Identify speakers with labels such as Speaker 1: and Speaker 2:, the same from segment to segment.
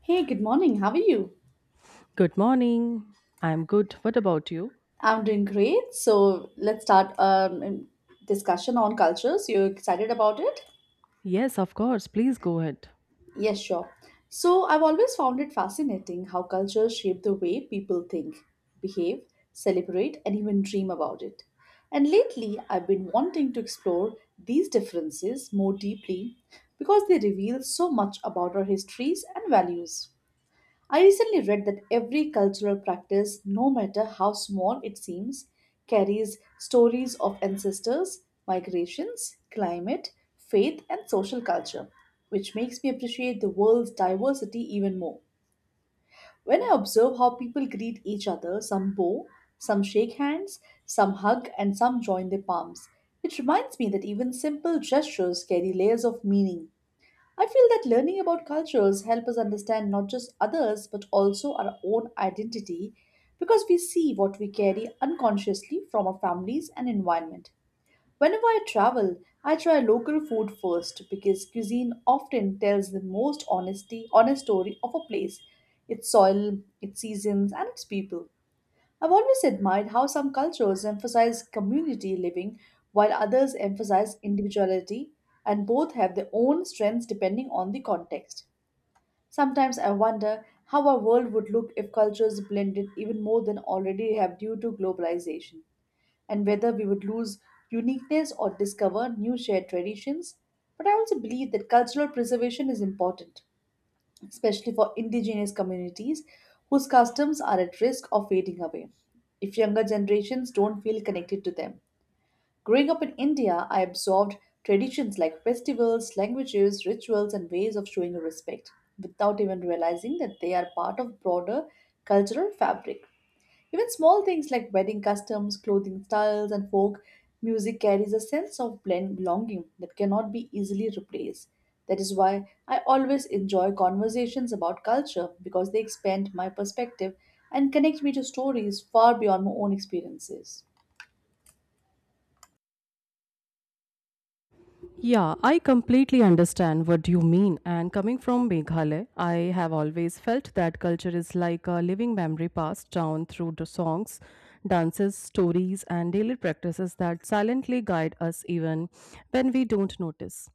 Speaker 1: Hey, good morning. How are you?
Speaker 2: Good morning. I'm good. What about you?
Speaker 1: I'm doing great. So let's start discussion on cultures. You excited about it?
Speaker 2: Yes, of course. Please go ahead.
Speaker 1: Yes, sure. So I've always found it fascinating how cultures shape the way people think, behave, celebrate, and even dream about it. And lately, I've been wanting to explore these differences more deeply because they reveal so much about our histories and values. I recently read that every cultural practice, no matter how small it seems, carries stories of ancestors, migrations, climate, faith, and social culture, which makes me appreciate the world's diversity even more. When I observe how people greet each other, some bow, some shake hands, some hug, and some join their palms, it reminds me that even simple gestures carry layers of meaning. I feel that learning about cultures help us understand not just others but also our own identity because we see what we carry unconsciously from our families and environment. Whenever I travel, I try local food first because cuisine often tells the most honest story of a place, its soil, its seasons and its people. I've always admired how some cultures emphasize community living while others emphasize individuality, and both have their own strengths depending on the context. Sometimes I wonder how our world would look if cultures blended even more than already have due to globalization, and whether we would lose uniqueness or discover new shared traditions. But I also believe that cultural preservation is important, especially for indigenous communities whose customs are at risk of fading away if younger generations don't feel connected to them. Growing up in India, I absorbed traditions like festivals, languages, rituals, and ways of showing respect without even realizing that they are part of broader cultural fabric. Even small things like wedding customs, clothing styles, and folk music carries a sense of blend belonging that cannot be easily replaced. That is why I always enjoy conversations about culture because they expand my perspective and connect me to stories far beyond my own experiences.
Speaker 2: Yeah, I completely understand what you mean. And coming from Meghalaya, I have always felt that culture is like a living memory passed down through the songs, dances, stories, and daily practices that silently guide us even when we don't notice.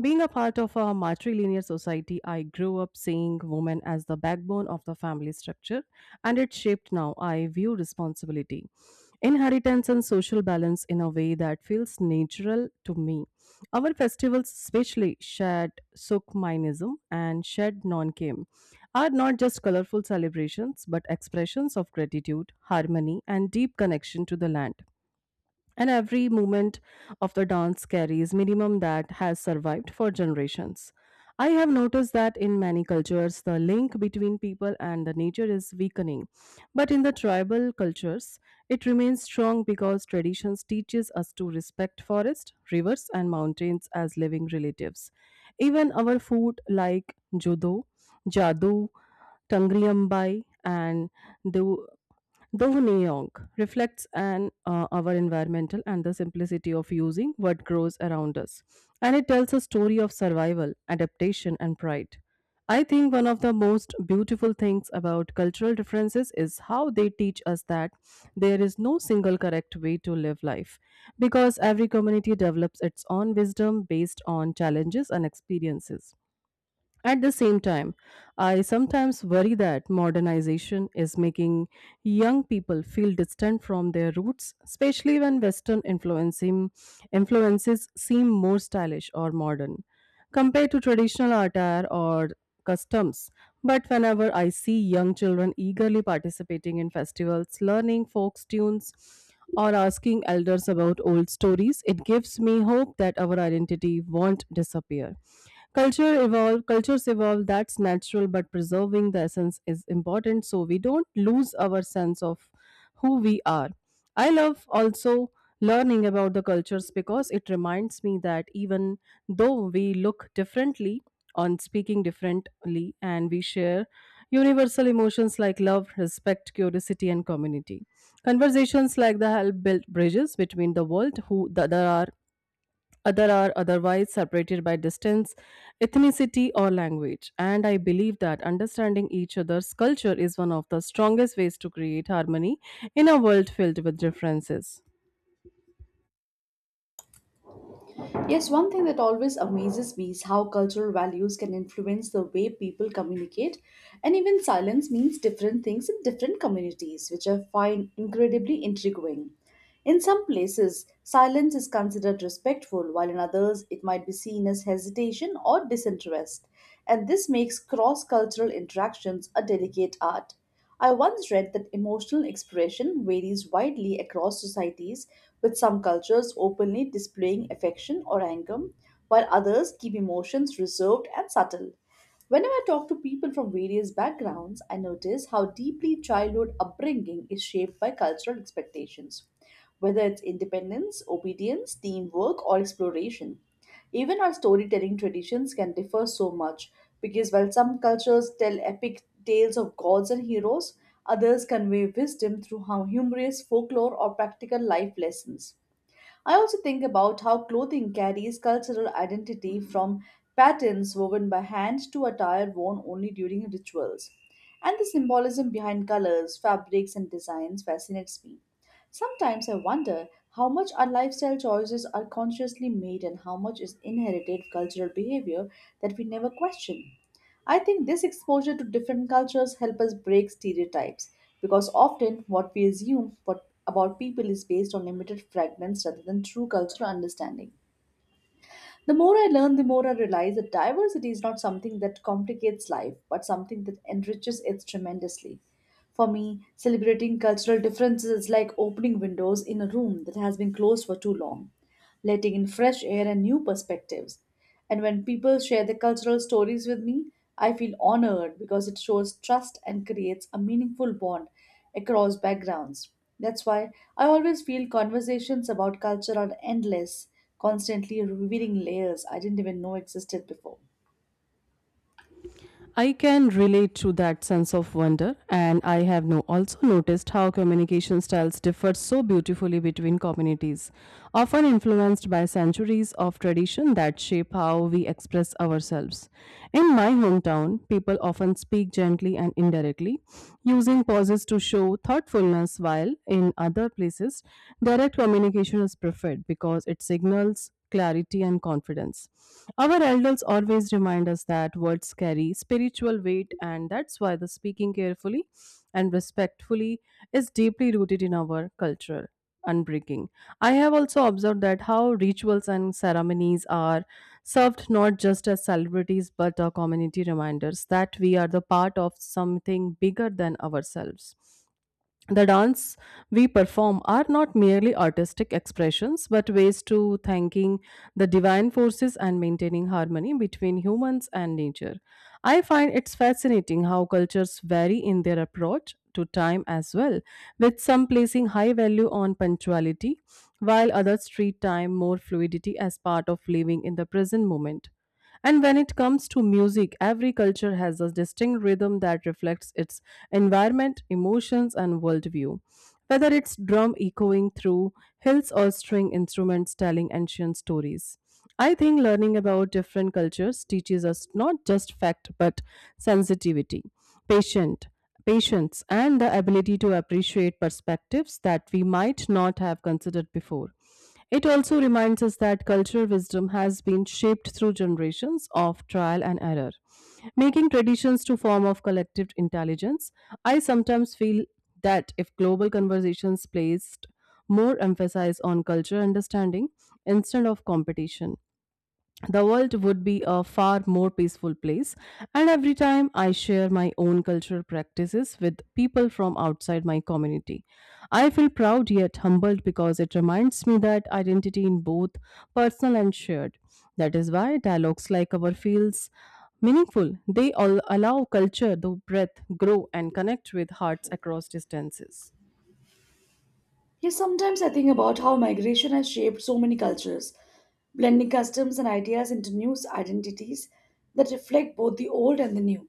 Speaker 2: Being a part of a matrilineal society, I grew up seeing women as the backbone of the family structure, and it shaped now I view responsibility, inheritance, and social balance in a way that feels natural to me. Our festivals, especially Shad Sukhmainism and Shad Nonkem, are not just colorful celebrations but expressions of gratitude, harmony, and deep connection to the land, and every movement of the dance carries minimum that has survived for generations. I have noticed that in many cultures, the link between people and the nature is weakening. But in the tribal cultures, it remains strong because traditions teaches us to respect forests, rivers, and mountains as living relatives. Even our food like jodo, jadu, tangriambai, and the neong reflects an our environmental and the simplicity of using what grows around us, and it tells a story of survival, adaptation, and pride. I think one of the most beautiful things about cultural differences is how they teach us that there is no single correct way to live life because every community develops its own wisdom based on challenges and experiences. At the same time, I sometimes worry that modernization is making young people feel distant from their roots, especially when influences seem more stylish or modern compared to traditional attire or customs. But whenever I see young children eagerly participating in festivals, learning folk tunes, or asking elders about old stories, it gives me hope that our identity won't disappear. Cultures evolve, that's natural, but preserving the essence is important so we don't lose our sense of who we are. I love also learning about the cultures because it reminds me that even though we look differently on speaking differently and we share universal emotions like love, respect, curiosity, and community. Conversations like the help build bridges between the world who the, there are other are otherwise separated by distance, ethnicity, or language. And I believe that understanding each other's culture is one of the strongest ways to create harmony in a world filled with differences.
Speaker 1: Yes, one thing that always amazes me is how cultural values can influence the way people communicate, and even silence means different things in different communities, which I find incredibly intriguing. In some places, silence is considered respectful, while in others, it might be seen as hesitation or disinterest, and this makes cross cultural interactions a delicate art. I once read that emotional expression varies widely across societies, with some cultures openly displaying affection or anger, while others keep emotions reserved and subtle. Whenever I talk to people from various backgrounds, I notice how deeply childhood upbringing is shaped by cultural expectations, whether it's independence, obedience, teamwork, or exploration. Even our storytelling traditions can differ so much because while some cultures tell epic tales of gods and heroes, others convey wisdom through humorous folklore or practical life lessons. I also think about how clothing carries cultural identity, from patterns woven by hand to attire worn only during rituals. And the symbolism behind colors, fabrics, and designs fascinates me. Sometimes I wonder how much our lifestyle choices are consciously made and how much is inherited cultural behavior that we never question. I think this exposure to different cultures help us break stereotypes because often what we assume what about people is based on limited fragments rather than true cultural understanding. The more I learn, the more I realize that diversity is not something that complicates life, but something that enriches it tremendously. For me, celebrating cultural differences is like opening windows in a room that has been closed for too long, letting in fresh air and new perspectives. And when people share their cultural stories with me, I feel honored because it shows trust and creates a meaningful bond across backgrounds. That's why I always feel conversations about culture are endless, constantly revealing layers I didn't even know existed before.
Speaker 2: I can relate to that sense of wonder, and I have no, also noticed how communication styles differ so beautifully between communities, often influenced by centuries of tradition that shape how we express ourselves. In my hometown, people often speak gently and indirectly, using pauses to show thoughtfulness, while in other places, direct communication is preferred because it signals clarity and confidence. Our elders always remind us that words carry spiritual weight, and that's why the speaking carefully and respectfully is deeply rooted in our culture unbreaking. I have also observed that how rituals and ceremonies are served not just as celebrities but are community reminders that we are the part of something bigger than ourselves. The dance we perform are not merely artistic expressions, but ways to thanking the divine forces and maintaining harmony between humans and nature. I find it's fascinating how cultures vary in their approach to time as well, with some placing high value on punctuality, while others treat time more fluidity as part of living in the present moment. And when it comes to music, every culture has a distinct rhythm that reflects its environment, emotions, and worldview, whether it's drum echoing through hills or string instruments telling ancient stories. I think learning about different cultures teaches us not just fact but sensitivity, patience, patience and the ability to appreciate perspectives that we might not have considered before. It also reminds us that cultural wisdom has been shaped through generations of trial and error, making traditions to form of collective intelligence. I sometimes feel that if global conversations placed more emphasis on cultural understanding instead of competition, the world would be a far more peaceful place. And every time I share my own cultural practices with people from outside my community, I feel proud yet humbled because it reminds me that identity in both personal and shared. That is why dialogues like our feels meaningful. They all allow culture to breath, grow, and connect with hearts across distances.
Speaker 1: Yes, sometimes I think about how migration has shaped so many cultures, blending customs and ideas into new identities that reflect both the old and the new.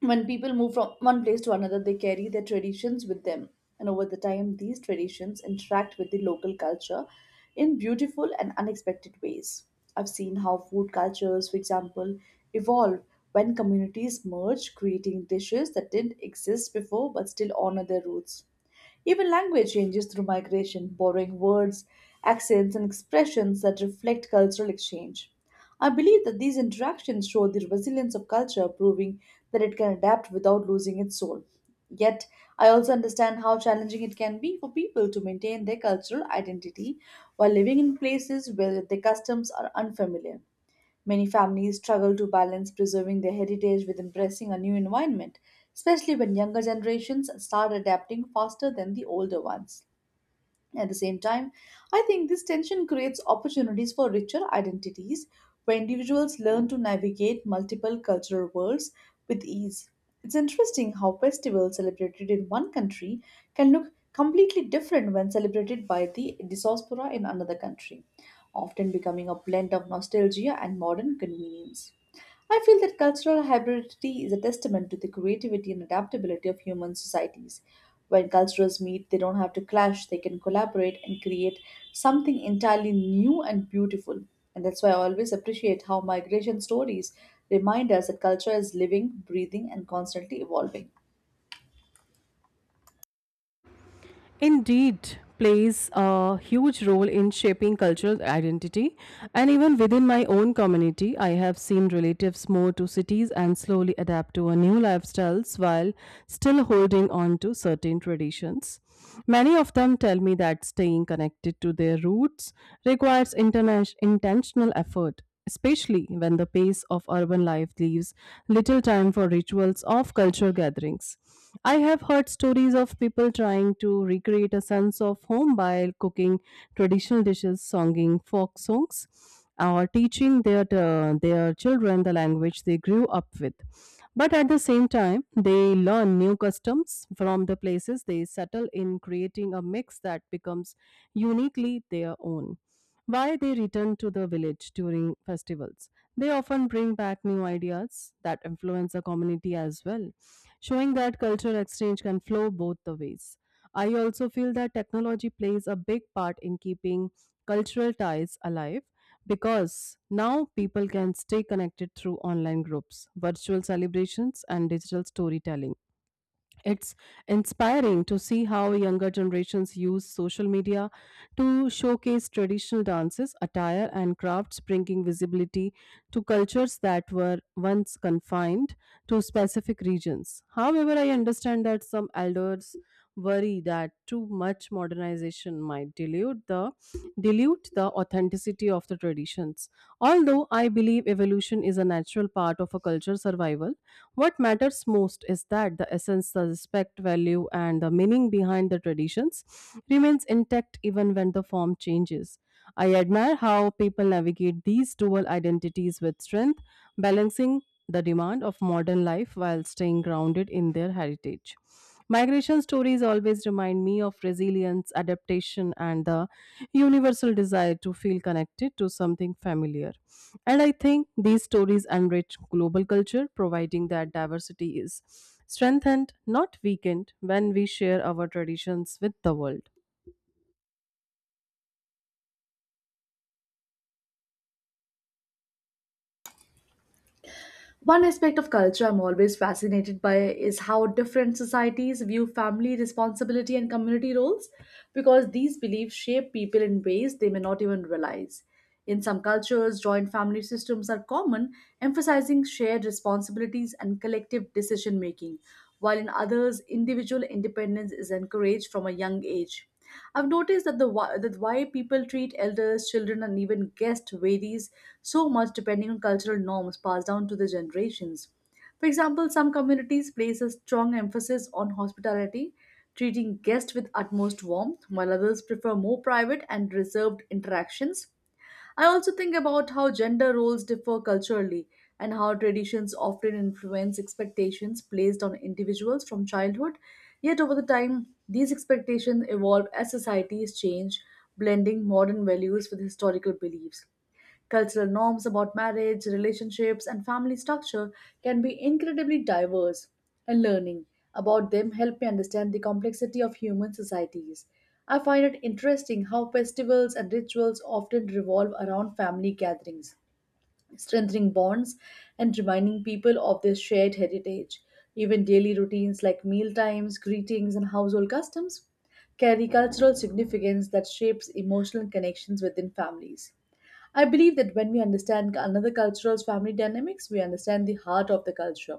Speaker 1: When people move from one place to another, they carry their traditions with them. And over the time, these traditions interact with the local culture in beautiful and unexpected ways. I've seen how food cultures, for example, evolve when communities merge, creating dishes that didn't exist before but still honor their roots. Even language changes through migration, borrowing words, accents, and expressions that reflect cultural exchange. I believe that these interactions show the resilience of culture, proving that it can adapt without losing its soul. Yet, I also understand how challenging it can be for people to maintain their cultural identity while living in places where their customs are unfamiliar. Many families struggle to balance preserving their heritage with embracing a new environment, especially when younger generations start adapting faster than the older ones. At the same time, I think this tension creates opportunities for richer identities where individuals learn to navigate multiple cultural worlds with ease. It's interesting how festivals celebrated in one country can look completely different when celebrated by the diaspora in another country, often becoming a blend of nostalgia and modern convenience. I feel that cultural hybridity is a testament to the creativity and adaptability of human societies. When cultures meet, they don't have to clash, they can collaborate and create something entirely new and beautiful. And that's why I always appreciate how migration stories remind us that culture is living, breathing, and constantly evolving.
Speaker 2: Indeed plays a huge role in shaping cultural identity, and even within my own community I have seen relatives move to cities and slowly adapt to a new lifestyles while still holding on to certain traditions. Many of them tell me that staying connected to their roots requires intentional effort, especially when the pace of urban life leaves little time for rituals of culture gatherings. I have heard stories of people trying to recreate a sense of home by cooking traditional dishes, songing folk songs, or teaching their children the language they grew up with. But at the same time, they learn new customs from the places they settle in, creating a mix that becomes uniquely their own. Why they return to the village during festivals. They often bring back new ideas that influence the community as well, showing that cultural exchange can flow both the ways. I also feel that technology plays a big part in keeping cultural ties alive because now people can stay connected through online groups, virtual celebrations, and digital storytelling. It's inspiring to see how younger generations use social media to showcase traditional dances, attire, and crafts, bringing visibility to cultures that were once confined to specific regions. However, I understand that some elders worry that too much modernization might dilute the authenticity of the traditions, although I believe evolution is a natural part of a culture's survival. What matters most is that the essence, the respect, value, and the meaning behind the traditions remains intact even when the form changes. I admire how people navigate these dual identities with strength, balancing the demand of modern life while staying grounded in their heritage. Migration stories always remind me of resilience, adaptation, and the universal desire to feel connected to something familiar. And I think these stories enrich global culture, providing that diversity is strengthened, not weakened, when we share our traditions with the world.
Speaker 1: One aspect of culture I'm always fascinated by is how different societies view family responsibility and community roles because these beliefs shape people in ways they may not even realize. In some cultures, joint family systems are common, emphasizing shared responsibilities and collective decision making, while in others, individual independence is encouraged from a young age. I've noticed that that why people treat elders, children, and even guests varies so much depending on cultural norms passed down to the generations. For example, some communities place a strong emphasis on hospitality, treating guests with utmost warmth, while others prefer more private and reserved interactions. I also think about how gender roles differ culturally and how traditions often influence expectations placed on individuals from childhood. Yet, over the time, these expectations evolve as societies change, blending modern values with historical beliefs. Cultural norms about marriage, relationships, and family structure can be incredibly diverse, and learning about them help me understand the complexity of human societies. I find it interesting how festivals and rituals often revolve around family gatherings, strengthening bonds and reminding people of their shared heritage. Even daily routines like meal times, greetings, and household customs carry cultural significance that shapes emotional connections within families. I believe that when we understand another cultural's family dynamics, we understand the heart of the culture.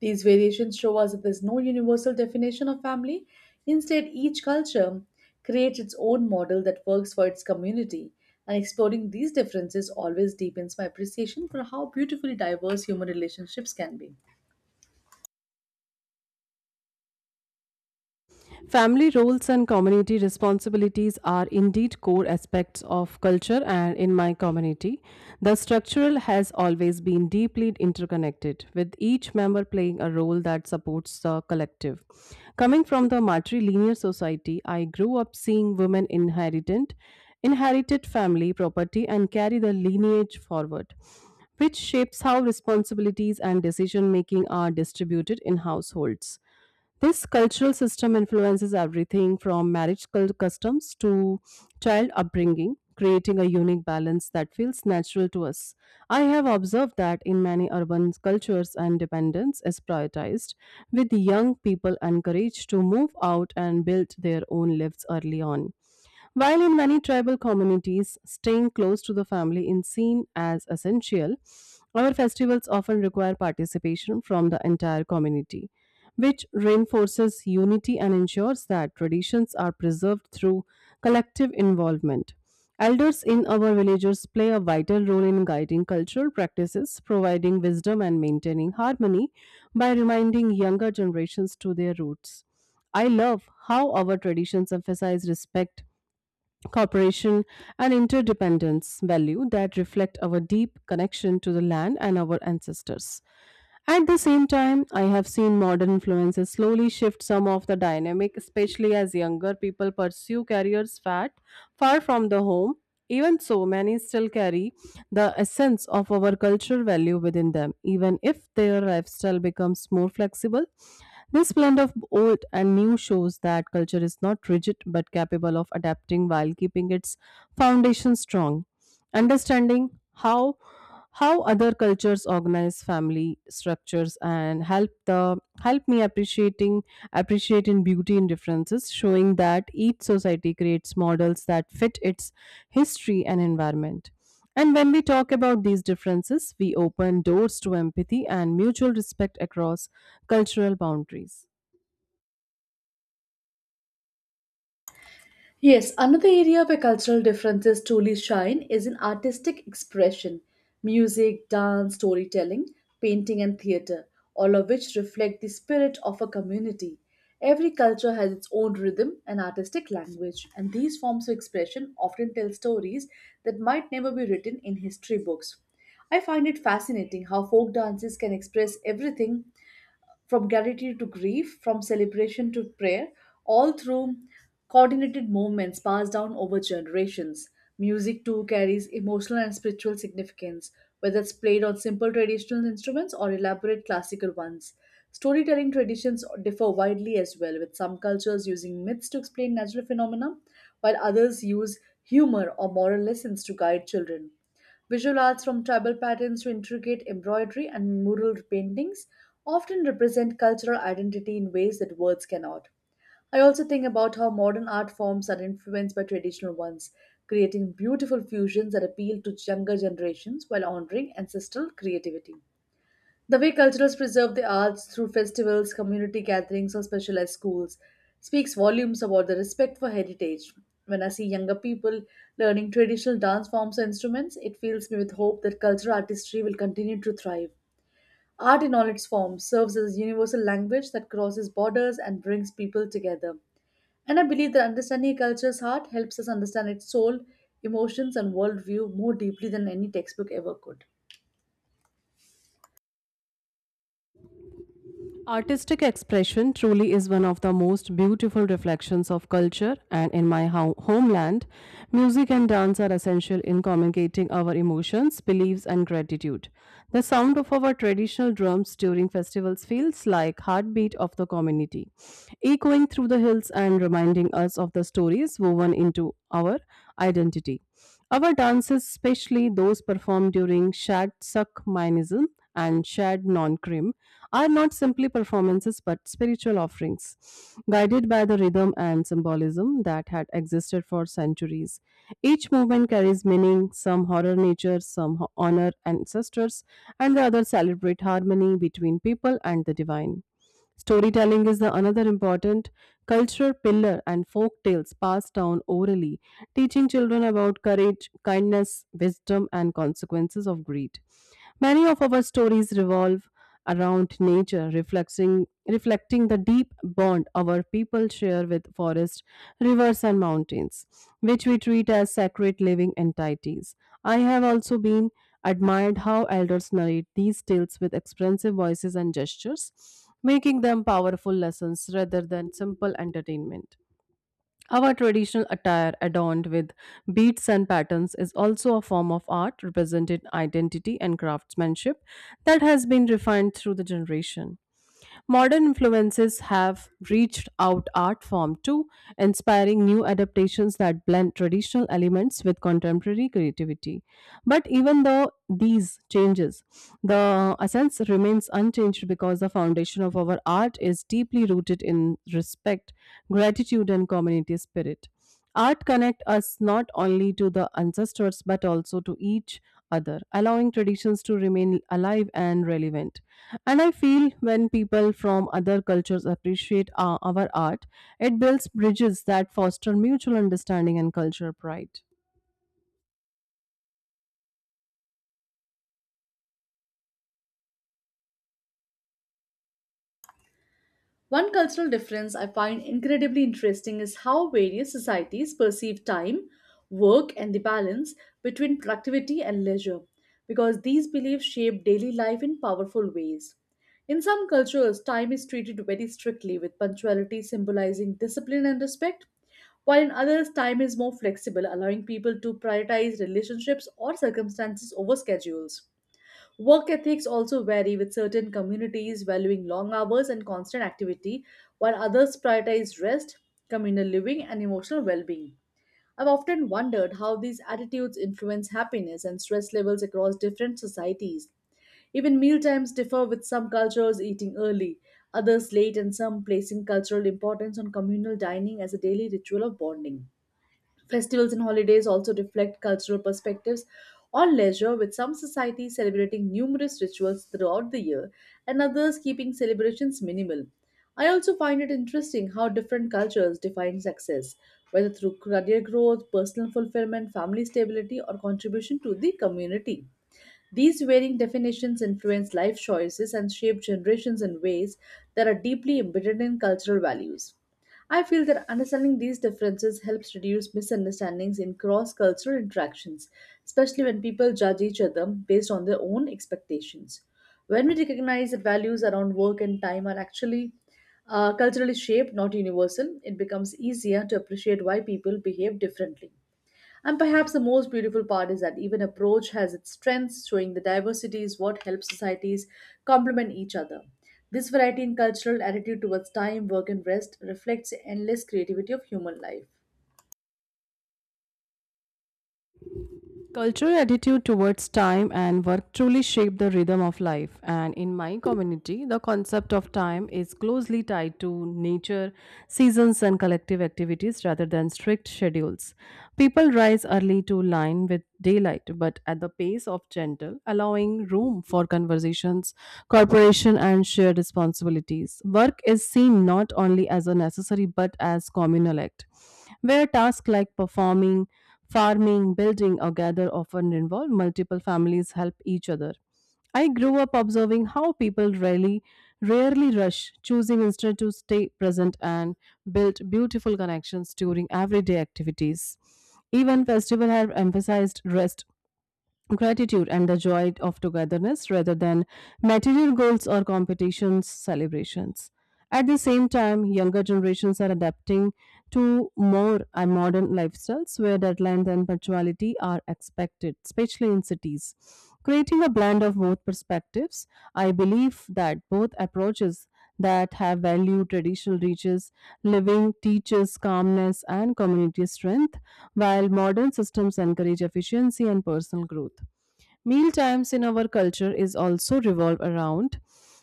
Speaker 1: These variations show us that there's no universal definition of family. Instead, each culture creates its own model that works for its community. And exploring these differences always deepens my appreciation for how beautifully diverse human relationships can be.
Speaker 2: Family roles and community responsibilities are indeed core aspects of culture, and in my community, the structural has always been deeply interconnected, with each member playing a role that supports the collective. Coming from the matrilineal society, I grew up seeing inherited family property and carry the lineage forward, which shapes how responsibilities and decision making are distributed in households. This cultural system influences everything from customs to child upbringing, creating a unique balance that feels natural to us. I have observed that in many urban cultures, independence is prioritized, with young people encouraged to move out and build their own lives early on. While in many tribal communities, staying close to the family is seen as essential, our festivals often require participation from the entire community, which reinforces unity and ensures that traditions are preserved through collective involvement. Elders in our villages play a vital role in guiding cultural practices, providing wisdom and maintaining harmony by reminding younger generations to their roots. I love how our traditions emphasize respect, cooperation, and interdependence value that reflect our deep connection to the land and our ancestors. At the same time, I have seen modern influences slowly shift some of the dynamic, especially as younger people pursue careers fat far from the home. Even so, many still carry the essence of our cultural value within them, even if their lifestyle becomes more flexible. This blend of old and new shows that culture is not rigid but capable of adapting while keeping its foundation strong. Understanding how other cultures organize family structures and help me appreciating appreciate in beauty in differences, showing that each society creates models that fit its history and environment, and when we talk about these differences we open doors to empathy and mutual respect across cultural boundaries.
Speaker 1: Yes, another area where cultural differences truly shine is in artistic expression: music, dance, storytelling, painting, and theatre, all of which reflect the spirit of a community. Every culture has its own rhythm and artistic language, and these forms of expression often tell stories that might never be written in history books. I find it fascinating how folk dances can express everything from gratitude to grief, from celebration to prayer, all through coordinated movements passed down over generations. Music too carries emotional and spiritual significance, whether it's played on simple traditional instruments or elaborate classical ones. Storytelling traditions differ widely as well, with some cultures using myths to explain natural phenomena, while others use humor or moral lessons to guide children. Visual arts, from tribal patterns to intricate embroidery and mural paintings, often represent cultural identity in ways that words cannot. I also think about how modern art forms are influenced by traditional ones, creating beautiful fusions that appeal to younger generations while honoring ancestral creativity. The way cultures preserve the arts through festivals, community gatherings, or specialized schools speaks volumes about the respect for heritage. When I see younger people learning traditional dance forms or instruments, it fills me with hope that cultural artistry will continue to thrive. Art in all its forms serves as a universal language that crosses borders and brings people together. And I believe that understanding a culture's heart helps us understand its soul, emotions, and worldview more deeply than any textbook ever could.
Speaker 2: Artistic expression truly is one of the most beautiful reflections of culture, and in my homeland, music and dance are essential in communicating our emotions, beliefs, and gratitude. The sound of our traditional drums during festivals feels like heartbeat of the community, echoing through the hills and reminding us of the stories woven into our identity. Our dances, especially those performed during Shad Sak Minism and shared non-krim, are not simply performances but spiritual offerings, guided by the rhythm and symbolism that had existed for centuries. Each movement carries meaning, some horror nature, some honor ancestors, and the other celebrate harmony between people and the divine. Storytelling is the another important cultural pillar, and folk tales passed down orally, teaching children about courage, kindness, wisdom, and consequences of greed. Many of our stories revolve around nature, reflecting the deep bond our people share with forests, rivers, and mountains, which we treat as sacred living entities. I have also been admired how elders narrate these tales with expressive voices and gestures, making them powerful lessons rather than simple entertainment. Our traditional attire, adorned with beads and patterns, is also a form of art representing identity and craftsmanship that has been refined through the generation. Modern influences have reached out art form too, inspiring new adaptations that blend traditional elements with contemporary creativity. But even though these changes, the essence remains unchanged because the foundation of our art is deeply rooted in respect, gratitude, and community spirit. Art connect us not only to the ancestors but also to each other, allowing traditions to remain alive and relevant. And I feel when people from other cultures appreciate our art, it builds bridges that foster mutual understanding and culture pride.
Speaker 1: One cultural difference I find incredibly interesting is how various societies perceive time, work, and the balance between productivity and leisure, because these beliefs shape daily life in powerful ways. In some cultures, time is treated very strictly, with punctuality symbolizing discipline and respect, while in others, time is more flexible, allowing people to prioritize relationships or circumstances over schedules. Work ethics also vary, with certain communities valuing long hours and constant activity, while others prioritize rest, communal living, and emotional well being. I've often wondered how these attitudes influence happiness and stress levels across different societies. Even meal times differ, with some cultures eating early, others late, and some placing cultural importance on communal dining as a daily ritual of bonding. Festivals and holidays also reflect cultural perspectives on leisure, with some societies celebrating numerous rituals throughout the year and others keeping celebrations minimal. I also find it interesting how different cultures define success, whether through career growth, personal fulfillment, family stability, or contribution to the community. These varying definitions influence life choices and shape generations in ways that are deeply embedded in cultural values. I feel that understanding these differences helps reduce misunderstandings in cross cultural interactions, especially when people judge each other based on their own expectations. When we recognize that values around work and time are actually culturally shaped, not universal, it becomes easier to appreciate why people behave differently. And perhaps the most beautiful part is that even approach has its strengths, showing the diversity is what helps societies complement each other. This variety in cultural attitude towards time, work, and rest reflects the endless creativity of human life.
Speaker 2: Cultural attitude towards time and work truly shape the rhythm of life. And in my community, the concept of time is closely tied to nature, seasons, and collective activities rather than strict schedules. People rise early to line with daylight, but at the pace of gentle, allowing room for conversations, cooperation, and shared responsibilities. Work is seen not only as a necessary but as communal act, where tasks like performing farming, building, or gather often involve multiple families help each other. I grew up observing how people rarely rush, choosing instead to stay present and build beautiful connections during everyday activities. Even festivals have emphasized rest, gratitude and the joy of togetherness rather than material goals or competitions celebrations at the same time younger generations are adapting to more modern lifestyles where deadlines and punctuality are expected especially in cities creating a blend of both perspectives. I believe that both approaches that have value traditional reaches living teaches calmness and community strength while modern systems encourage efficiency and personal growth. Meal times in our culture is also revolve around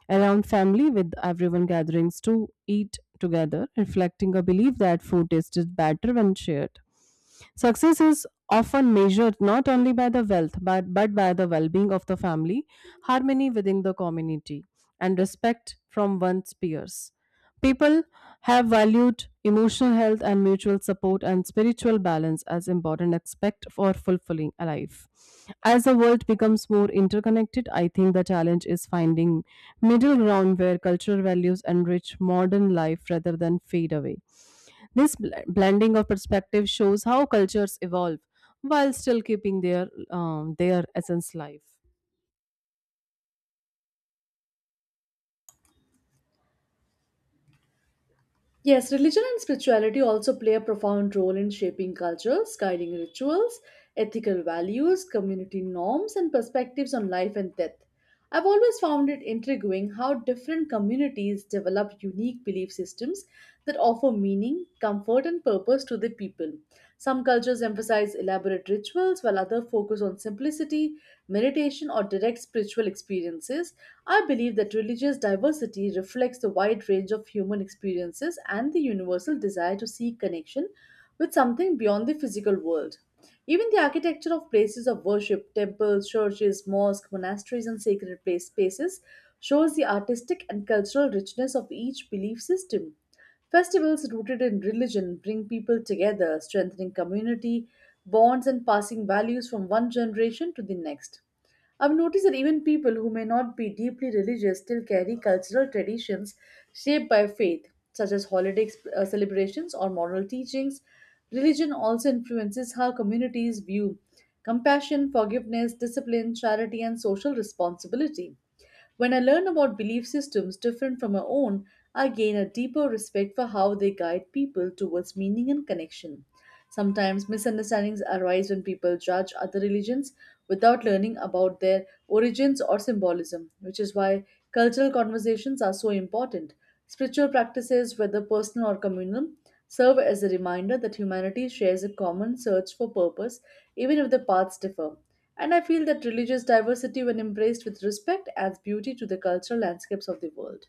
Speaker 2: around family with everyone gatherings to eat together, reflecting a belief that food tastes better when shared. Success is often measured not only by the wealth but by the well-being of the family, harmony within the community, and respect from one's peers. People have valued emotional health and mutual support and spiritual balance as important aspects for fulfilling a life. As the world becomes more interconnected, I think the challenge is finding middle ground where cultural values enrich modern life rather than fade away. This blending of perspective shows how cultures evolve while still keeping their essence life.
Speaker 1: Yes, religion and spirituality also play a profound role in shaping cultures, guiding rituals, ethical values, community norms, and perspectives on life and death. I've always found it intriguing how different communities develop unique belief systems that offer meaning, comfort and purpose to the people. Some cultures emphasize elaborate rituals, while others focus on simplicity, meditation, or direct spiritual experiences. I believe that religious diversity reflects the wide range of human experiences and the universal desire to seek connection with something beyond the physical world. Even the architecture of places of worship, temples, churches, mosques, monasteries, and sacred place spaces shows the artistic and cultural richness of each belief system. Festivals rooted in religion bring people together, strengthening community bonds and passing values from one generation to the next. I've noticed that even people who may not be deeply religious still carry cultural traditions shaped by faith, such as celebrations or moral teachings. Religion also influences how communities view compassion, forgiveness, discipline, charity, and social responsibility. When I learn about belief systems different from my own, I gain a deeper respect for how they guide people towards meaning and connection. Sometimes misunderstandings arise when people judge other religions without learning about their origins or symbolism, which is why cultural conversations are so important. Spiritual practices, whether personal or communal, serve as a reminder that humanity shares a common search for purpose, even if the paths differ. And I feel that religious diversity, when embraced with respect, adds beauty to the cultural landscapes of the world.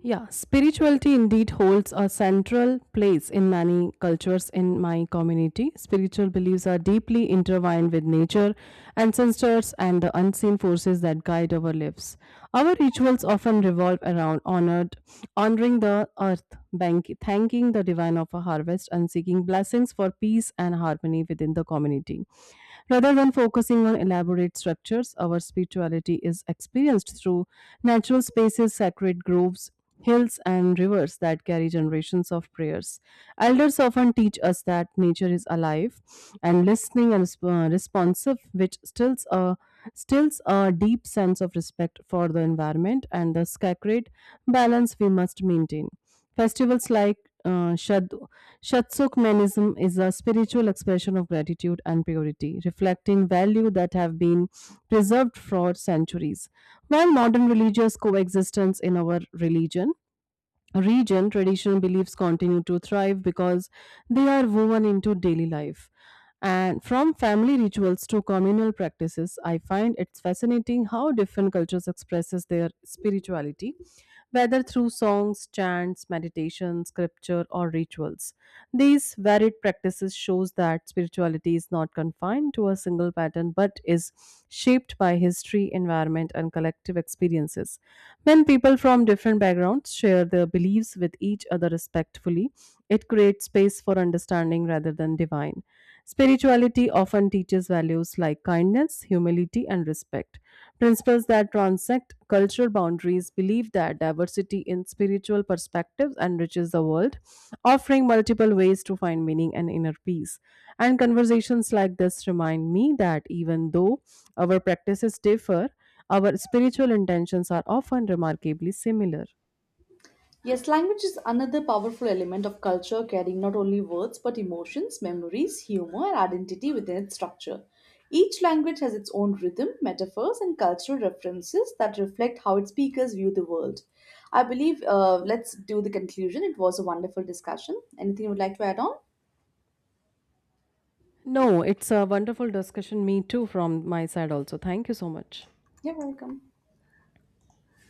Speaker 2: Yeah, spirituality indeed holds a central place in many cultures in my community. Spiritual beliefs are deeply intertwined with nature, ancestors, and the unseen forces that guide our lives. Our rituals often revolve around honoring the earth, bank, thanking the divine of a harvest, and seeking blessings for peace and harmony within the community. Rather than focusing on elaborate structures, our spirituality is experienced through natural spaces, sacred groves, hills and rivers that carry generations of prayers. Elders often teach us that nature is alive and listening and responsive, which stills a deep sense of respect for the environment and the sacred balance we must maintain. Festivals like Shad Shatsukmanism is a spiritual expression of gratitude and purity, reflecting values that have been preserved for centuries. While modern religious coexistence in our religion region, traditional beliefs continue to thrive because they are woven into daily life. And from family rituals to communal practices, I find it's fascinating how different cultures expresses their spirituality whether through songs, chants, meditation, scripture, or rituals. These varied practices shows that spirituality is not confined to a single pattern but is shaped by history, environment, and collective experiences. When people from different backgrounds share their beliefs with each other respectfully, it creates space for understanding rather than divine. Spirituality often teaches values like kindness, humility, and respect. Principles that transcend cultural boundaries believe that diversity in spiritual perspectives enriches the world, offering multiple ways to find meaning and inner peace. And conversations like this remind me that even though our practices differ, our spiritual intentions are often remarkably similar.
Speaker 1: Yes, language is another powerful element of culture, carrying not only words but emotions, memories, humor, and identity within its structure. Each language has its own rhythm, metaphors, and cultural references that reflect how its speakers view the world. I believe, let's do the conclusion. It was a wonderful discussion. Anything you would like to add on?
Speaker 2: No, it's a wonderful discussion. Me too, from my side also. Thank you so much.
Speaker 1: You're welcome.